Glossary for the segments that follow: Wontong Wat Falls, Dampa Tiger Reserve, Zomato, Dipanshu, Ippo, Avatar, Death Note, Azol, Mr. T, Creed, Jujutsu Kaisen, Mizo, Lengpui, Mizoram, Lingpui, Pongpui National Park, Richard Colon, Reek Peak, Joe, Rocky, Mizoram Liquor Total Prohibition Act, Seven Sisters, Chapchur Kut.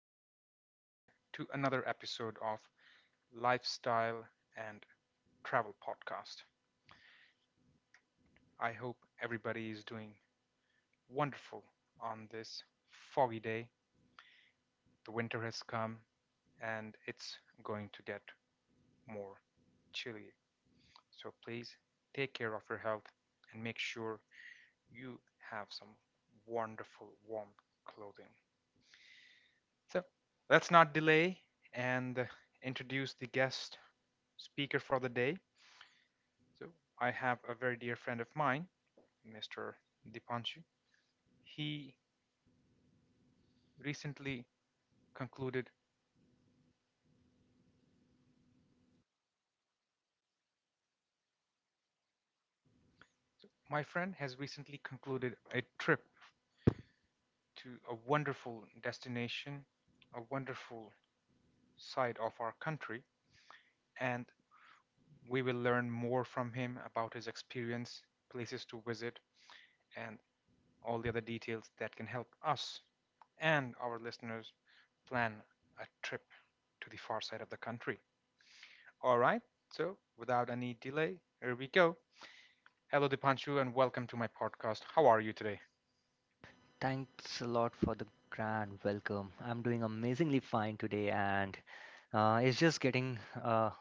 welcome everyone to another episode of Lifestyle and Travel Podcast. I hope everybody is doing wonderful on this foggy day. The winter has come, and it's going to get more chilly. So please take care of your health and make sure you have some wonderful warm clothing. So let's not delay and introduce the guest speaker for the day. So I have a very dear friend of mine, Mr. Dipanchu. He recently concluded, so my friend has recently concluded a trip to a wonderful destination, a wonderful side of our country, and we will learn more from him about his experience, places to visit, and all the other details that can help us and our listeners plan a trip to the far side of the country. All right, so without any delay, here we go. Hello, Dipanshu, and welcome to my podcast. How are you today? Thanks a lot for the grand welcome. I'm doing amazingly fine today, and it's just getting uh,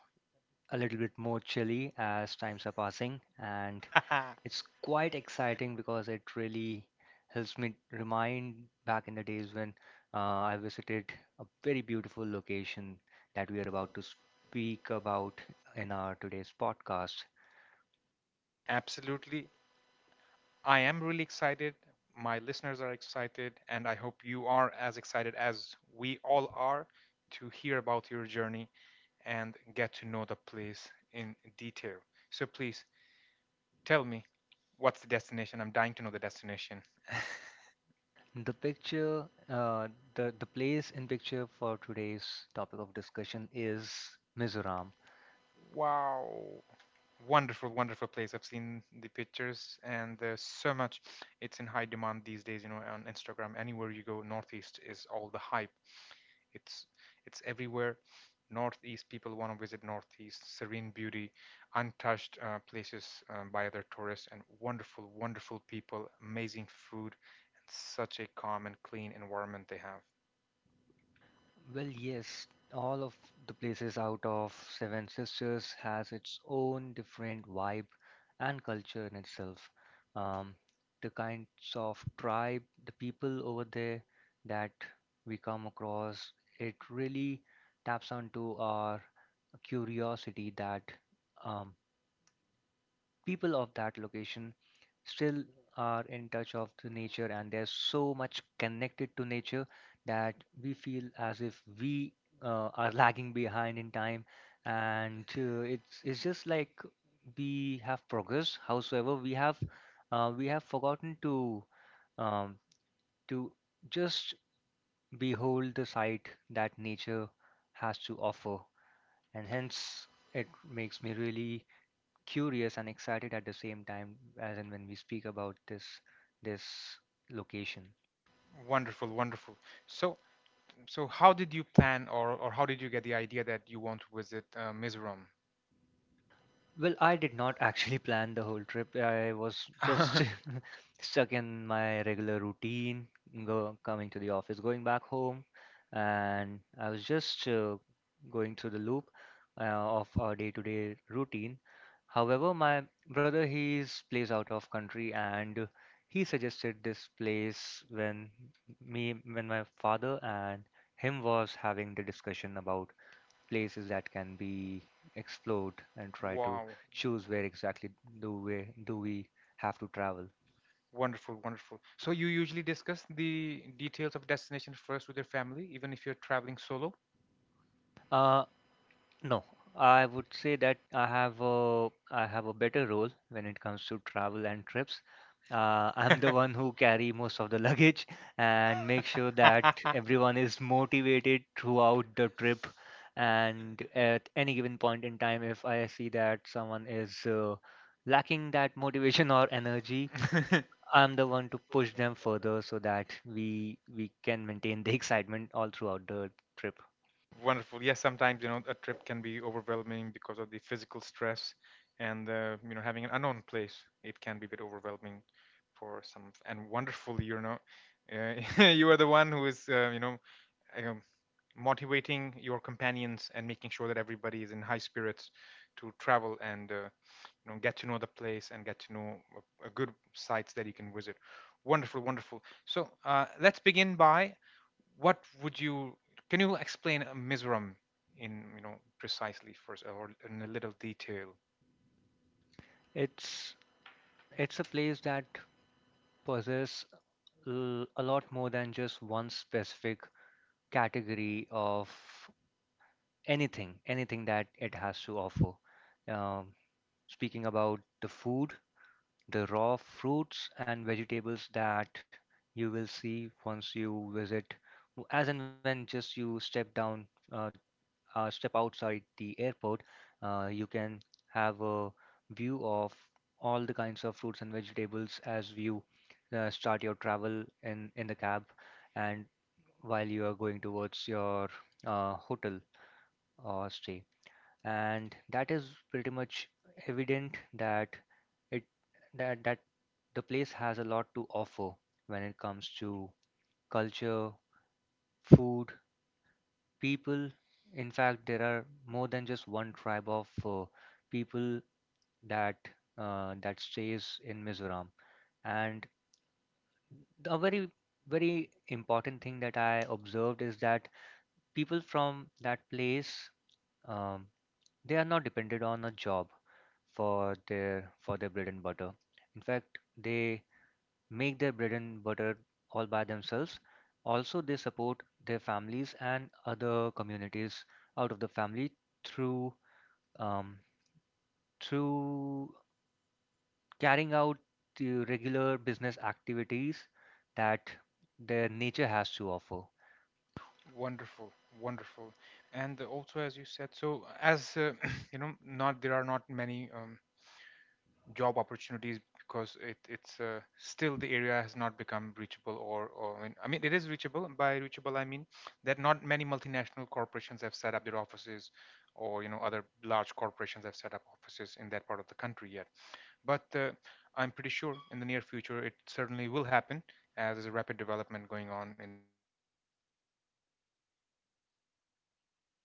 a little bit more chilly as times are passing, and it's quite exciting because it really helps me remind back in the days when I visited a very beautiful location that we are about to speak about in our today's podcast. Absolutely. I am really excited. My listeners are excited, and I hope you are as excited as we all are to hear about your journey and get to know the place in detail. So please tell me, what's the destination? I'm dying to know the destination. The picture, the place in picture for today's topic of discussion is Mizoram. Wow. Wonderful, wonderful place. I've seen the pictures, and there's so much. It's in high demand these days, on Instagram. Anywhere you go, Northeast is all the hype. It's it's everywhere. Northeast, people want to visit Northeast. Serene beauty, untouched places by other tourists, and wonderful wonderful people, amazing food, and such a calm and clean environment they have. Well, yes, all of the places out of Seven Sisters has its own different vibe and culture in itself. Um, the kinds of tribe, the people over there that we come across, it really taps onto our curiosity that um, people of that location still are in touch of the nature, and they're so much connected to nature that we feel as if we are lagging behind in time, and it's just like we have progressed howsoever we have forgotten to um, to just behold the sight that nature has to offer. And hence it makes me really curious and excited at the same time as in when we speak about this location. Wonderful, wonderful. So so how did you plan or how did you get the idea that you want to visit Mizoram? Well, I did not actually plan the whole trip. I was just stuck in my regular routine, go coming to the office, going back home, and I was just going through the loop of our day-to-day routine. However, my brother, he's plays out of country, and he suggested this place when me when my father and him was having the discussion about places that can be explored and try to Wow, choose where exactly do we have to travel? wonderful, wonderful. So you usually discuss the details of destination first with your family, even if you're traveling solo? Uh, no, I would say that I have a better role when it comes to travel and trips. I'm the one who carry most of the luggage and make sure that everyone is motivated throughout the trip. And at any given point in time, if I see that someone is lacking that motivation or energy, I'm the one to push them further so that we can maintain the excitement all throughout the trip. Wonderful. Yes, sometimes a trip can be overwhelming because of the physical stress, and having an unknown place, it can be a bit overwhelming for some. And wonderful, you are the one who is um, motivating your companions and making sure that everybody is in high spirits to travel and get to know the place and get to know a good sites that you can visit. Wonderful, wonderful. So let's begin by what would you can you explain Mizoram in precisely first or in a little detail? It's it's a place that possesses a lot more than just one specific category of anything that it has to offer. Um, Speaking about the food, the raw fruits and vegetables that you will see once you visit, as and when just you uh, step outside the airport, you can have a view of all the kinds of fruits and vegetables as you start your travel in the cab and while you are going towards your hotel or stay. And that is pretty much evident that it that that the place has a lot to offer when it comes to culture, food, people. In fact, there are more than just one tribe of people that that stays in Mizoram. And a very very important thing that I observed is that people from that place, um, they are not dependent on a job for their bread and butter. In fact, they make their bread and butter all by themselves. Also, they support their families and other communities out of the family through um, through carrying out the regular business activities that their nature has to offer. Wonderful, wonderful, and also as you said, so as not there are not many job opportunities because it's still the area has not become reachable, or, I mean, it is reachable. By reachable I mean that not many multinational corporations have set up their offices, or other large corporations have set up offices in that part of the country yet. But I'm pretty sure in the near future it certainly will happen, as there's a rapid development going on in the northeastern part of the country. And also, you mentioned about fruits,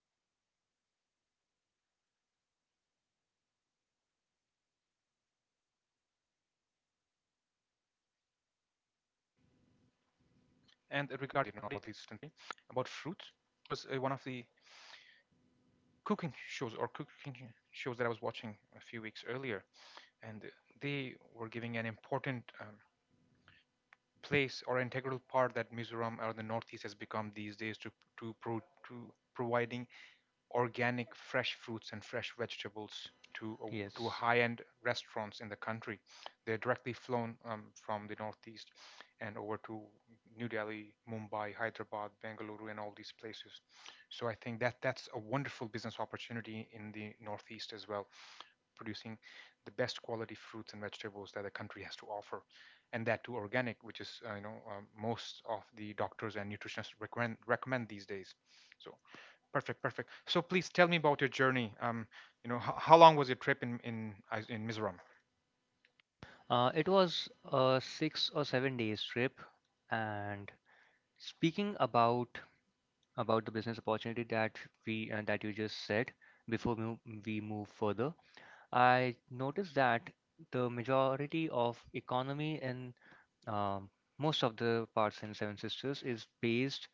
okay? About fruits, and regarding that, regarding that, I do see here, and also there was one of the cooking shows that I was watching a few weeks earlier, and they were giving an important place or integral part that Mizoram or the Northeast has become these days to, pro, to providing organic fresh fruits and fresh vegetables to Yes. high-end restaurants in the country. They're directly flown from the northeast and over to New Delhi, Mumbai, Hyderabad, Bengaluru, and all these places. So I think that that's a wonderful business opportunity in the northeast as well, producing the best quality fruits and vegetables that the country has to offer, and that too organic, which is most of the doctors and nutritionists recommend these days. So Perfect, perfect. So please tell me about your journey. How long was your trip in Mizoram? It was a 6 or 7 days trip, and speaking about the business opportunity that we that you just said before we move further, I noticed that the majority of economy in um, most of the parts in Seven Sisters is based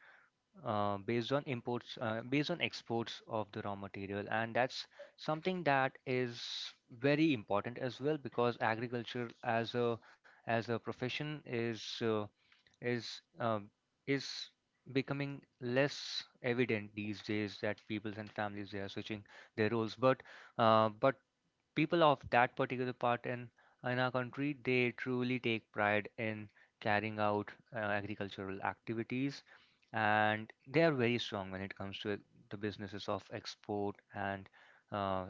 uh, based on imports, based on exports of the raw material, and that's something that is very important as well because agriculture as a profession is is um, is becoming less evident these days, that peoples and families, they are switching their roles, but uh, but people of that particular part in our country, they truly take pride in carrying out agricultural activities, and they are very strong when it comes to, the businesses of export and uh,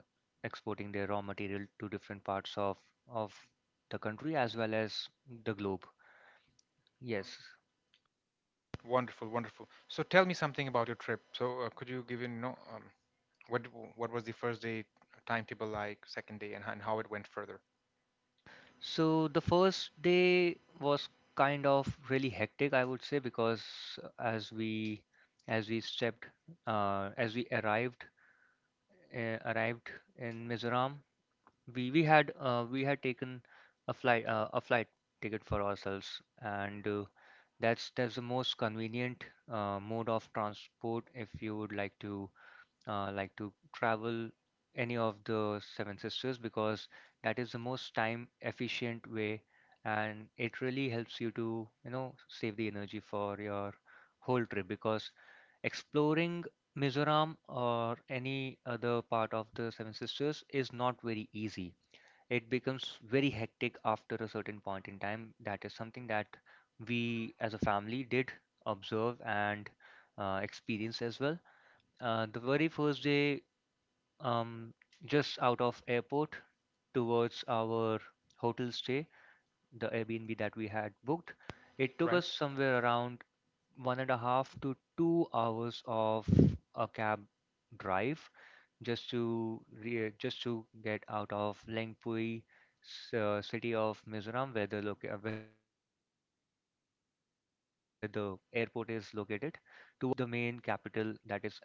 exporting their raw material to different parts of the country as well as the globe. Yes. Wonderful, wonderful. So tell me something about your trip. So could you give in, what was the first day timetable like, second day, and how it went further? So the first day was kind of really hectic, I would say, because as we as we stepped as we arrived arrived in Mizoram. We we had uh, we had taken a flight ticket for ourselves, and that's the most convenient mode of transport if you would like to travel any of the Seven Sisters, because that is the most time efficient way, and it really helps you to save the energy for your whole trip, because exploring Mizoram or any other part of the Seven Sisters is not very easy. It becomes very hectic after a certain point in time. That is something that we as a family did observe and experience as well. The very first day, um, just out of airport towards our hotel stay, the Airbnb that we had booked. It took Right. us somewhere around 1.5 to 2 hours of a cab drive just to get out of Lengpui, city of Mizoram, where the airport is located, towards the main capital that is Azol. And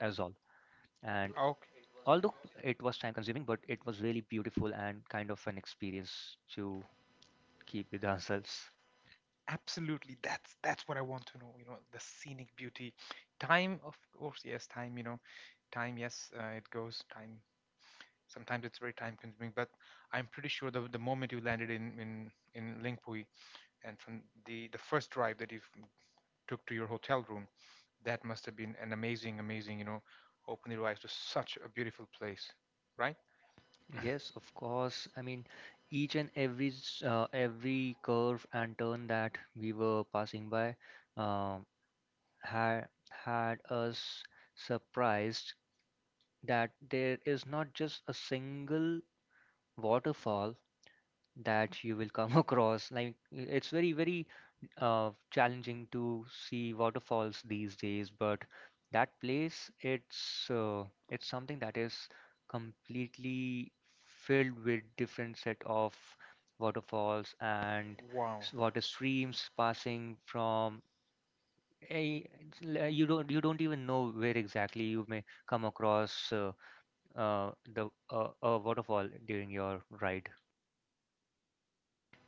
although it was time consuming, but it was really beautiful and kind of an experience to keep with ourselves. Absolutely, that's what I want to know, the scenic beauty, time. Of course, yes, time, time. Yes, it goes time. Sometimes it's very time consuming, but I'm pretty sure, the moment you landed in lingpui and from the first drive that you took to your hotel room, that must have been an amazing, amazing. Open your eyes to such a beautiful place, right? Yes, of course. I mean, each and every curve and turn that we were passing by, um, had had us surprised that there is not just a single waterfall that you will come across. Like it's very, very challenging to see waterfalls these days, but that place, it's something that is completely filled with different set of waterfalls and Wow, water streams passing from a, you don't even know where exactly you may come across the a waterfall during your ride.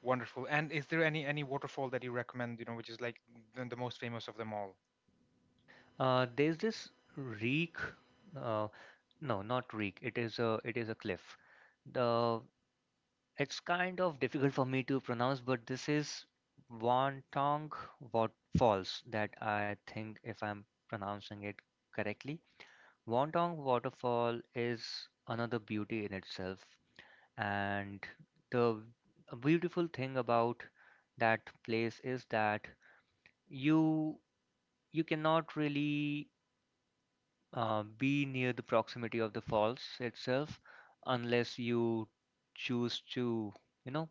wonderful. And is there any waterfall that you recommend, which is like the most famous of them all? There's this reek. Uh, no, not reek. It is a cliff. The It's kind of difficult for me to pronounce, but this is Wontong Wat Falls, that I think, if I'm pronouncing it correctly. Wontong Waterfall is another beauty in itself, and the beautiful thing about that place is that you you cannot really be near the proximity of the falls itself unless you choose to you know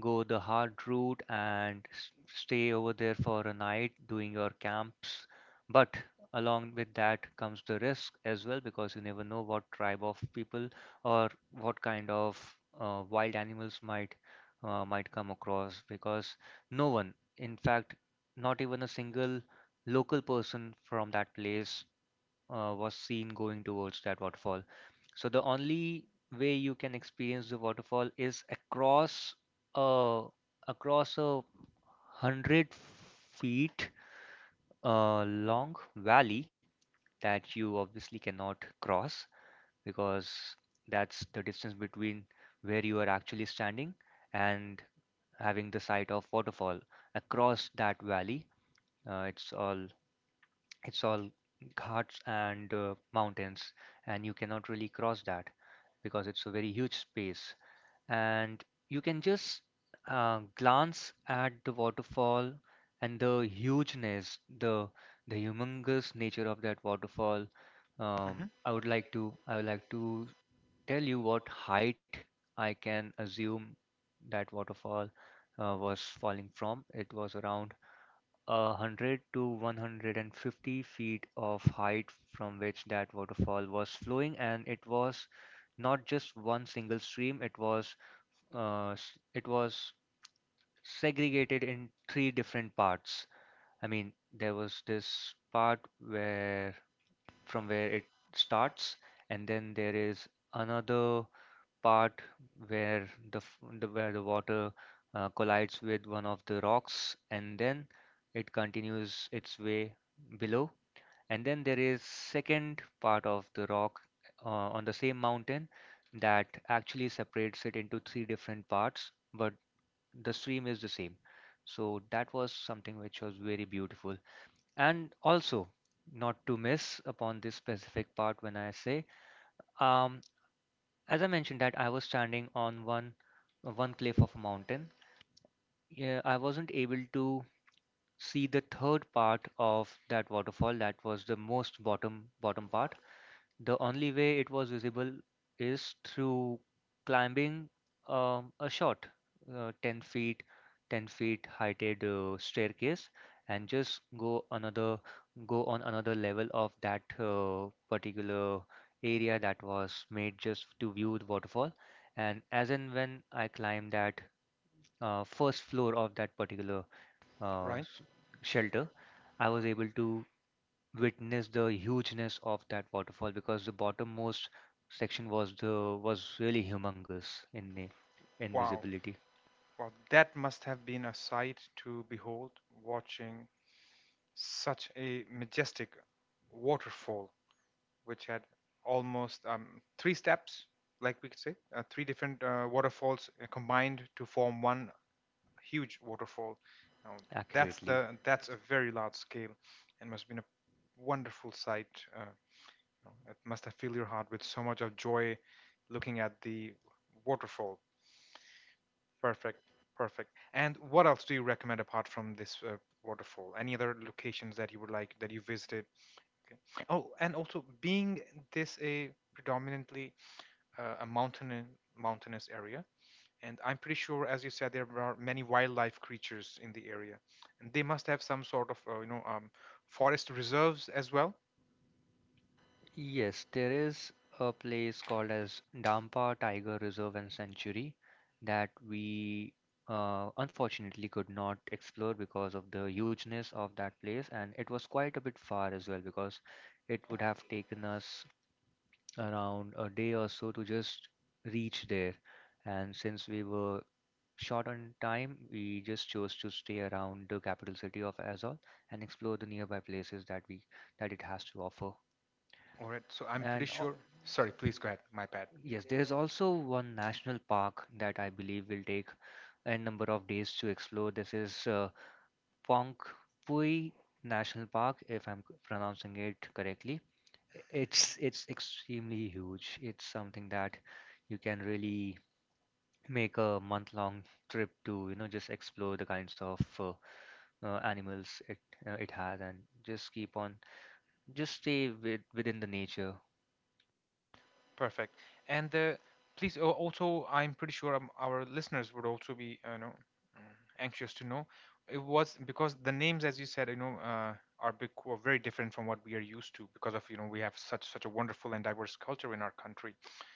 go the hard route and stay over there for a night doing your camps. But along with that comes the risk as well, because you never know what tribe of people or what kind of wild animals might come across, because no one, in fact not even a single local person from that place, was seen going towards that waterfall. So the only way you can experience the waterfall is a across 100 feet long valley that you obviously cannot cross, because that's the distance between where you are actually standing and having the sight of waterfall across that valley. Uh, it's all it's all ghats and mountains, and you cannot really cross that because it's a very huge space, and you can just glance at the waterfall and the hugeness, the humongous nature of that waterfall. Um, Hmm. I would like to I would like to tell you what height I can assume that waterfall was falling from. It was around 100 to 150 feet of height from which that waterfall was flowing, and it was not just one single stream. It was segregated in three different parts. I mean, there was this part where from where it starts, and then there is another part where the, water collides with one of the rocks, and then it continues its way below. And then there is second part of the rock uh, on the same mountain that actually separates it into three different parts, but the stream is the same. So that was something which was very beautiful. And also, not to miss upon this specific part, when I say, um as I mentioned that I was standing on one cliff of a mountain. Yeah, I wasn't able to see the third part of that waterfall. That was the most bottom bottom part. The only way it was visible is through climbing, a short, 10 feet, 10 feet heighted staircase, and just go on another level of that particular area that was made just to view the waterfall. And as and when I climbed that first floor of that particular uh, Right? s- shelter, I was able to witness the hugeness of that waterfall, because the bottommost section was really humongous in the Wow. invisibility Well, that must have been a sight to behold, watching such a majestic waterfall, which had almost three steps, like we could say, three different waterfalls combined to form one huge waterfall. Now, that's accurately. the that's a very large scale, and must have been a wonderful sight. It must have filled your heart with so much of joy, looking at the waterfall. Perfect, perfect. And what else do you recommend apart from this waterfall? Any other locations that you would like, that you visited? Okay. Oh, and also being this a predominantly a mountain mountainous area, and I'm pretty sure, as you said, there are many wildlife creatures in the area, and they must have some sort of forest reserves as well. Yes, there is a place called as Dampa Tiger Reserve and Sanctuary that we unfortunately could not explore because of the hugeness of that place, and it was quite a bit far as well because it would have taken us around a day or so to just reach there. And since we were short on time, we just chose to stay around the capital city of Azov and explore the nearby places that we that it has to offer. All right, so I'm pretty And al- sure. Sorry, please go ahead. My bad. yes, there is also one national park that I believe will take a number of days to explore. This is Pongpui National Park, if I'm pronouncing it correctly. It's extremely huge. It's something that you can really make a month-long trip to, you know, just explore the kinds of animals it it has and just keep on just stay with, within the nature. Perfect. And please, also, I'm pretty sure our listeners would also be, anxious to know. It was because the names, as you said, are big, are very different from what we are used to, because of, we have such a wonderful and diverse culture in our country.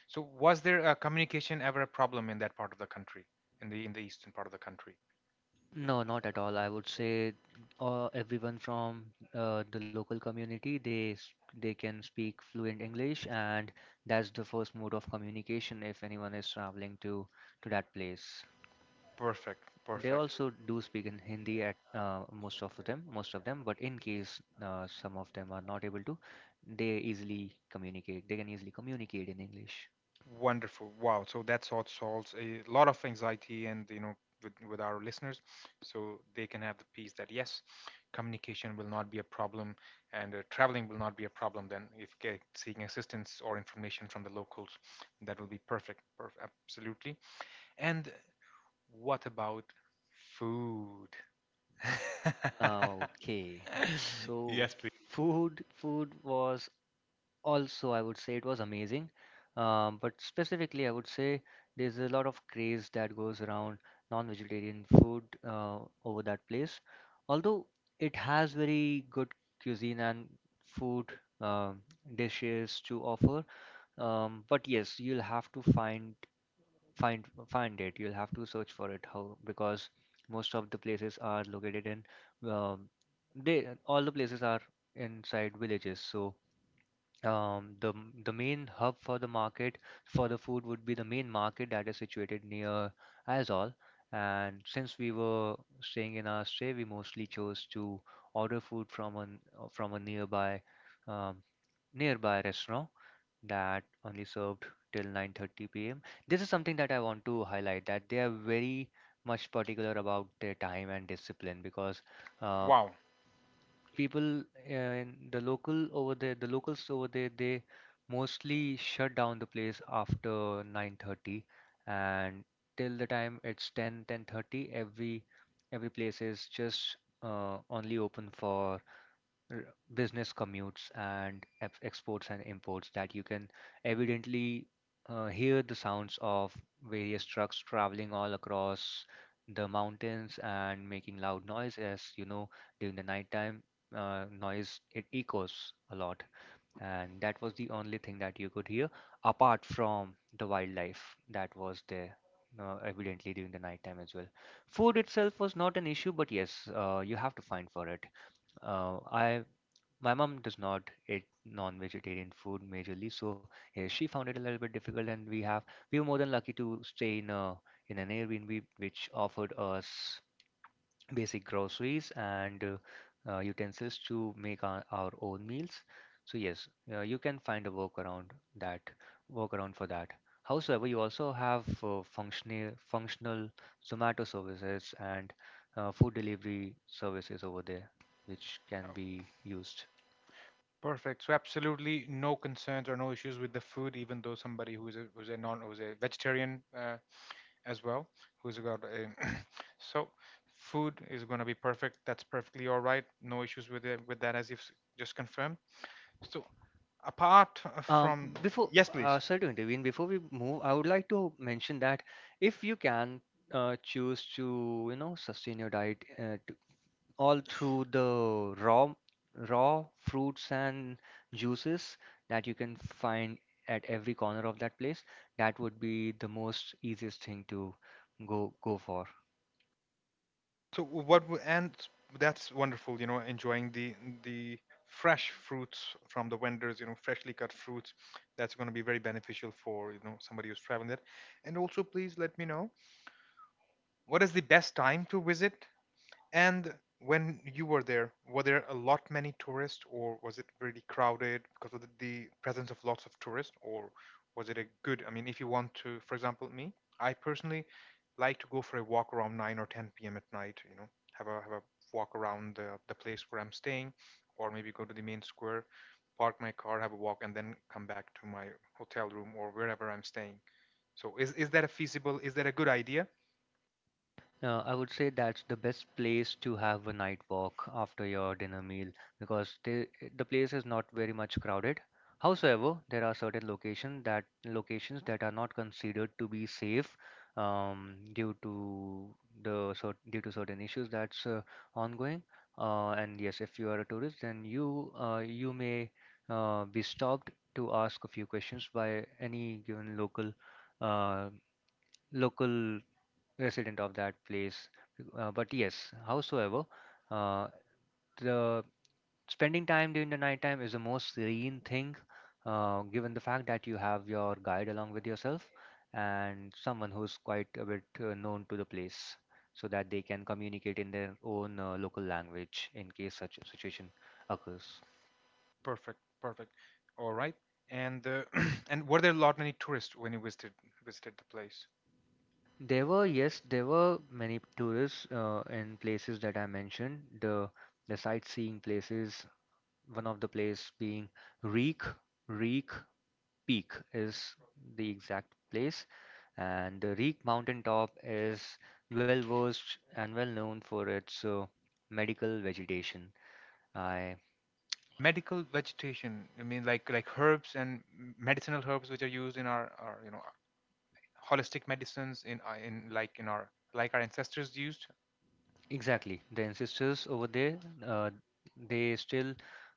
So, was there a communication ever a problem in that part of the country, in the eastern part of the country? No, not at all, I would say everyone from the local community, they they can speak fluent English, and that's the first mode of communication if anyone is traveling to that place. Perfect. They Perfect. also do speak in Hindi at most of them, but in case some of them are not able to, they easily communicate they can easily communicate in English. Wonderful. Wow. So that sort solves a lot of anxiety, and with, our listeners, so they can have the peace that yes, communication will not be a problem, and traveling will not be a problem then, if seeking assistance or information from the locals, that will be perfect. Absolutely. And what about food? Ah, okay, so Yes, please. food was also, I would say, it was amazing, but specifically, I would say there's a lot of craze that goes around non-vegetarian food over that place. Although it has very good cuisine and food, um dishes to offer, but yes, you'll have to find it. You'll have to search for it how, because most of the places are located in um, they all the places are inside villages. So the main hub for the market for the food would be the main market that is situated near Azol. And since we were staying in our stay, we mostly chose to order food from an from a nearby um, nearby restaurant that only served till 9:30 p.m. This is something that I want to highlight, that they are very much particular about their time and discipline because uh, Wow. people in the local over there, the locals over there, they mostly shut down the place after 9:30 and till the time it's 10:10:30, every every place is just only open for r- business commutes and exports and imports, that you can evidently hear the sounds of various trucks traveling all across the mountains and making loud noise. As you know, during the nighttime, noise, it echoes a lot, and that was the only thing that you could hear apart from the wildlife that was there evidently during the nighttime as well. Food itself was not an issue, but yes, you have to find for it. I My mom does not eat non-vegetarian food majorly, so yeah, she found it a little bit difficult. And we have We were more than lucky to stay in a in an Airbnb which offered us basic groceries and utensils to make our own meals. So yes, you can find a that workaround for that. However, you also have functional Zomato services and food delivery services over there, which can be used. Perfect. So absolutely no concerns or no issues with the food, even though somebody who's a vegetarian as well, who's got a so food is gonna be perfect. That's perfectly all right. No issues with it, with that, as you've just confirmed. So apart Um, from. Yes. Yes, please. Sorry to intervene, before we move, I would like to mention that if you can choose to, you know, sustain your diet all through the raw fruits and juices that you can find at every corner of that place, that would be the most easiest thing to go go for. So what w- and that's wonderful, enjoying the fresh fruits from the vendors, freshly cut fruits. That's going to be very beneficial for, somebody who's traveling there. And also, please let me know, what is the best time to visit, and when you were there a lot many tourists, or was it really crowded because of the presence of lots of tourists, or was it a good? I mean, if you want to, for example, me, I personally like to go for a walk around 9 or 10 p.m. at night, have a walk around the place where I'm staying, or maybe go to the main square, park my car, have a walk, and then come back to my hotel room or wherever I'm staying. So is that a feasible? Is that a good idea? I would say that's the best place to have a night walk after your dinner meal, because the place is not very much crowded. Howsoever, there are certain locations that are not considered to be safe due to due to certain issues that's ongoing. And yes, if you are a tourist, then you may be stopped to ask a few questions by any given local uh, local resident of that place. But yes, howsoever, uh, the spending time during the nighttime is the most serene thing, given the fact that you have your guide along with yourself and someone who's quite a bit known to the place, so that they can communicate in their own local language in case such a situation occurs. Perfect, perfect. All right. And and were there a lot many tourists when you visited the place? There were, yes, there were many tourists in places that I mentioned, the sightseeing places, one of the place being Reek. Reek Peak is the exact place, and the Reek Mountaintop is well versed and well known for its medical vegetation. I Medical vegetation. I mean, like herbs and medicinal herbs which are used in our holistic medicines in like in our, like our ancestors used. Exactly, the ancestors over there, uh, they still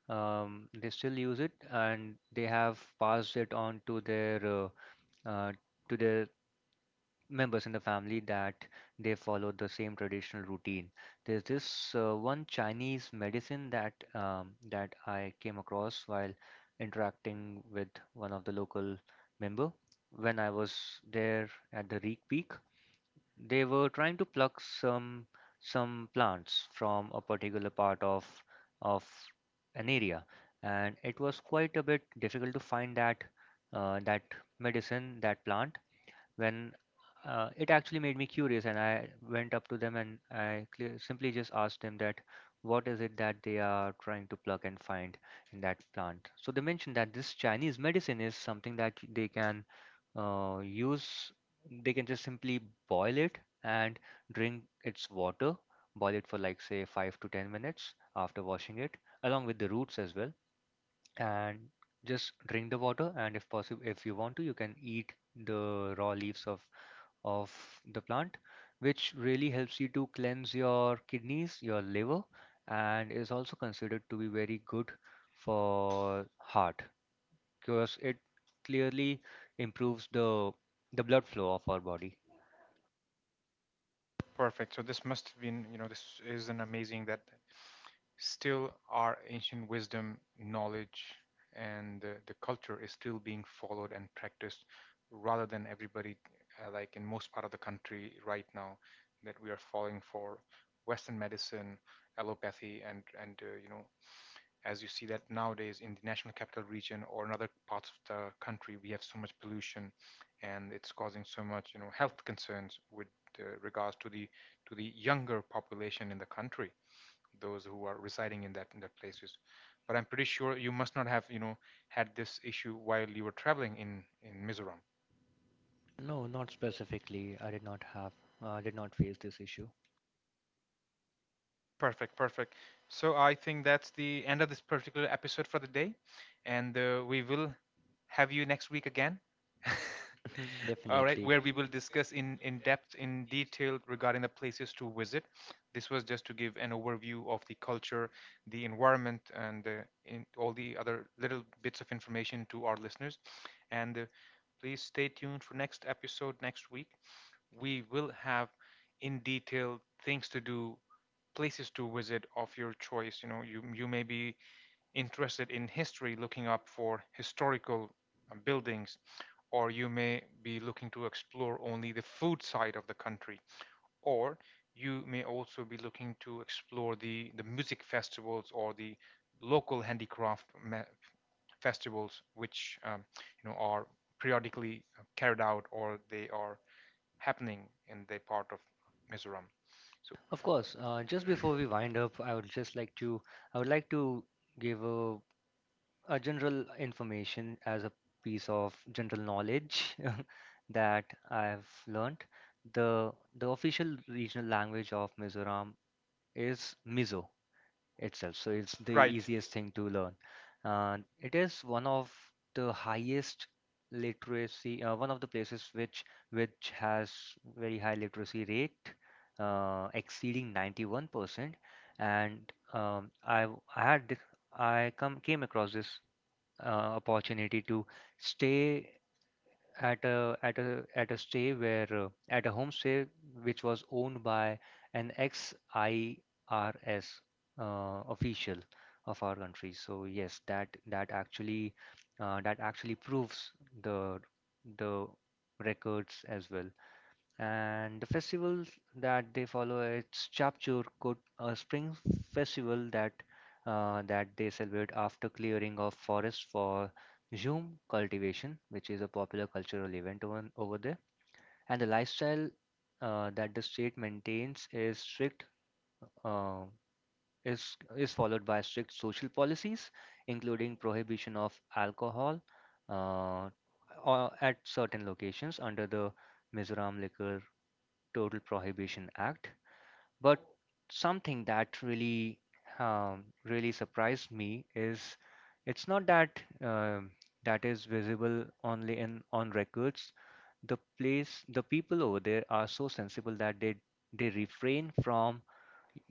they still use it, and they have passed it on uh, to their members in the family, that they follow the same traditional routine. There's this one Chinese medicine that that I came across while interacting with one of the local member when I was there at the Reek Peak. They were trying to pluck some plants from a particular part of an area, and it was quite a bit difficult to find that uh, that medicine, that plant. When it actually made me curious, and I went up to them, and I simply just asked them that what is it that they are trying to plug and find in that plant. So they mentioned that this Chinese medicine is something that they can use. They can just simply boil it and drink its water, boil it for like, say, 5 to 10 minutes after washing it along with the roots as well, and just drink the water. And if possible, if you want to, you can eat the raw leaves of the plant, which really helps you to cleanse your kidneys, your liver, and is also considered to be very good for heart, because it clearly improves the blood flow of our body. Perfect. So this must have been, this is an amazing that still our ancient wisdom, knowledge, and the culture is still being followed and practiced, rather than everybody, like in most part of the country right now, that we are falling for Western medicine, allopathy, and as you see that nowadays in the national capital region or in other parts of the country, we have so much pollution, and it's causing so much health concerns with regards to the younger population in the country, those who are residing in that places. But I'm pretty sure you must not have, had this issue while you were traveling in Mizoram. No, not specifically. I did not have, I did not face this issue. Perfect, perfect. So I think that's the end of this particular episode for the day, and we will have you next week again. All right, Definitely. where we will discuss in depth, in detail, regarding the places to visit. This was just to give an overview of the culture, the environment, and in all the other little bits of information to our listeners. And please stay tuned for next episode next week. We will have in detail things to do, places to visit of your choice. You know, you may be interested in history, looking up for historical buildings, or you may be looking to explore only the food side of the country, or you may also be looking to explore the music festivals or the local handicraft festivals, which are periodically carried out, or they are happening in that part of Mizoram. So, Of course, just before we wind up, I would like to give a general information, as a piece of general knowledge that I've learnt. The official regional language of Mizoram is Mizo itself, so it's the right. easiest thing to learn. And it is one of the one of the places which has very high literacy rate, exceeding 91%. And I had I come came across this opportunity to stay at a stay where, at a homestay which was owned by an ex-IRS official of our country. So yes, that actually proves the the records as well. And the festivals that they follow, it's Chapchur Kut, a spring festival that that they celebrate after clearing of forests for zoom cultivation, which is a popular cultural event over there. And the lifestyle that the state maintains is strict uh, is followed by strict social policies, including prohibition of alcohol, uh, or at certain locations under the Mizoram Liquor Total Prohibition Act. But something that really, really surprised me is, it's not that that is visible only in on records. The place, the people over there are so sensible that they refrain from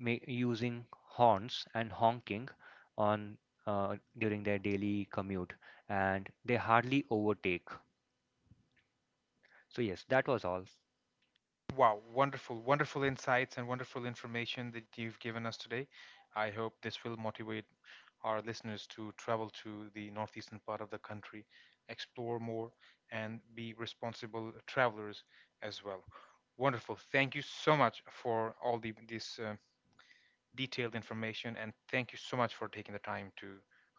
using horns and honking on during their daily commute, and they hardly overtake. So yes, that was all. Wow, wonderful, wonderful insights and wonderful information that you've given us today. I hope this will motivate our listeners to travel to the northeastern part of the country, explore more, and be responsible travelers as well. Wonderful. Thank you so much for all the this detailed information. And thank you so much for taking the time to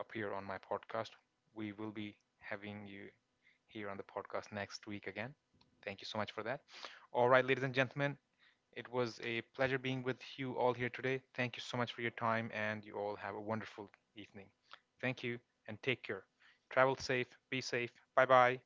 appear on my podcast. We will be having you here on the podcast next week again. Thank you so much for that. All right, ladies and gentlemen, it was a pleasure being with you all here today. Thank you so much for your time, and you all have a wonderful evening. Thank you and take care. Travel safe, be safe. Bye bye.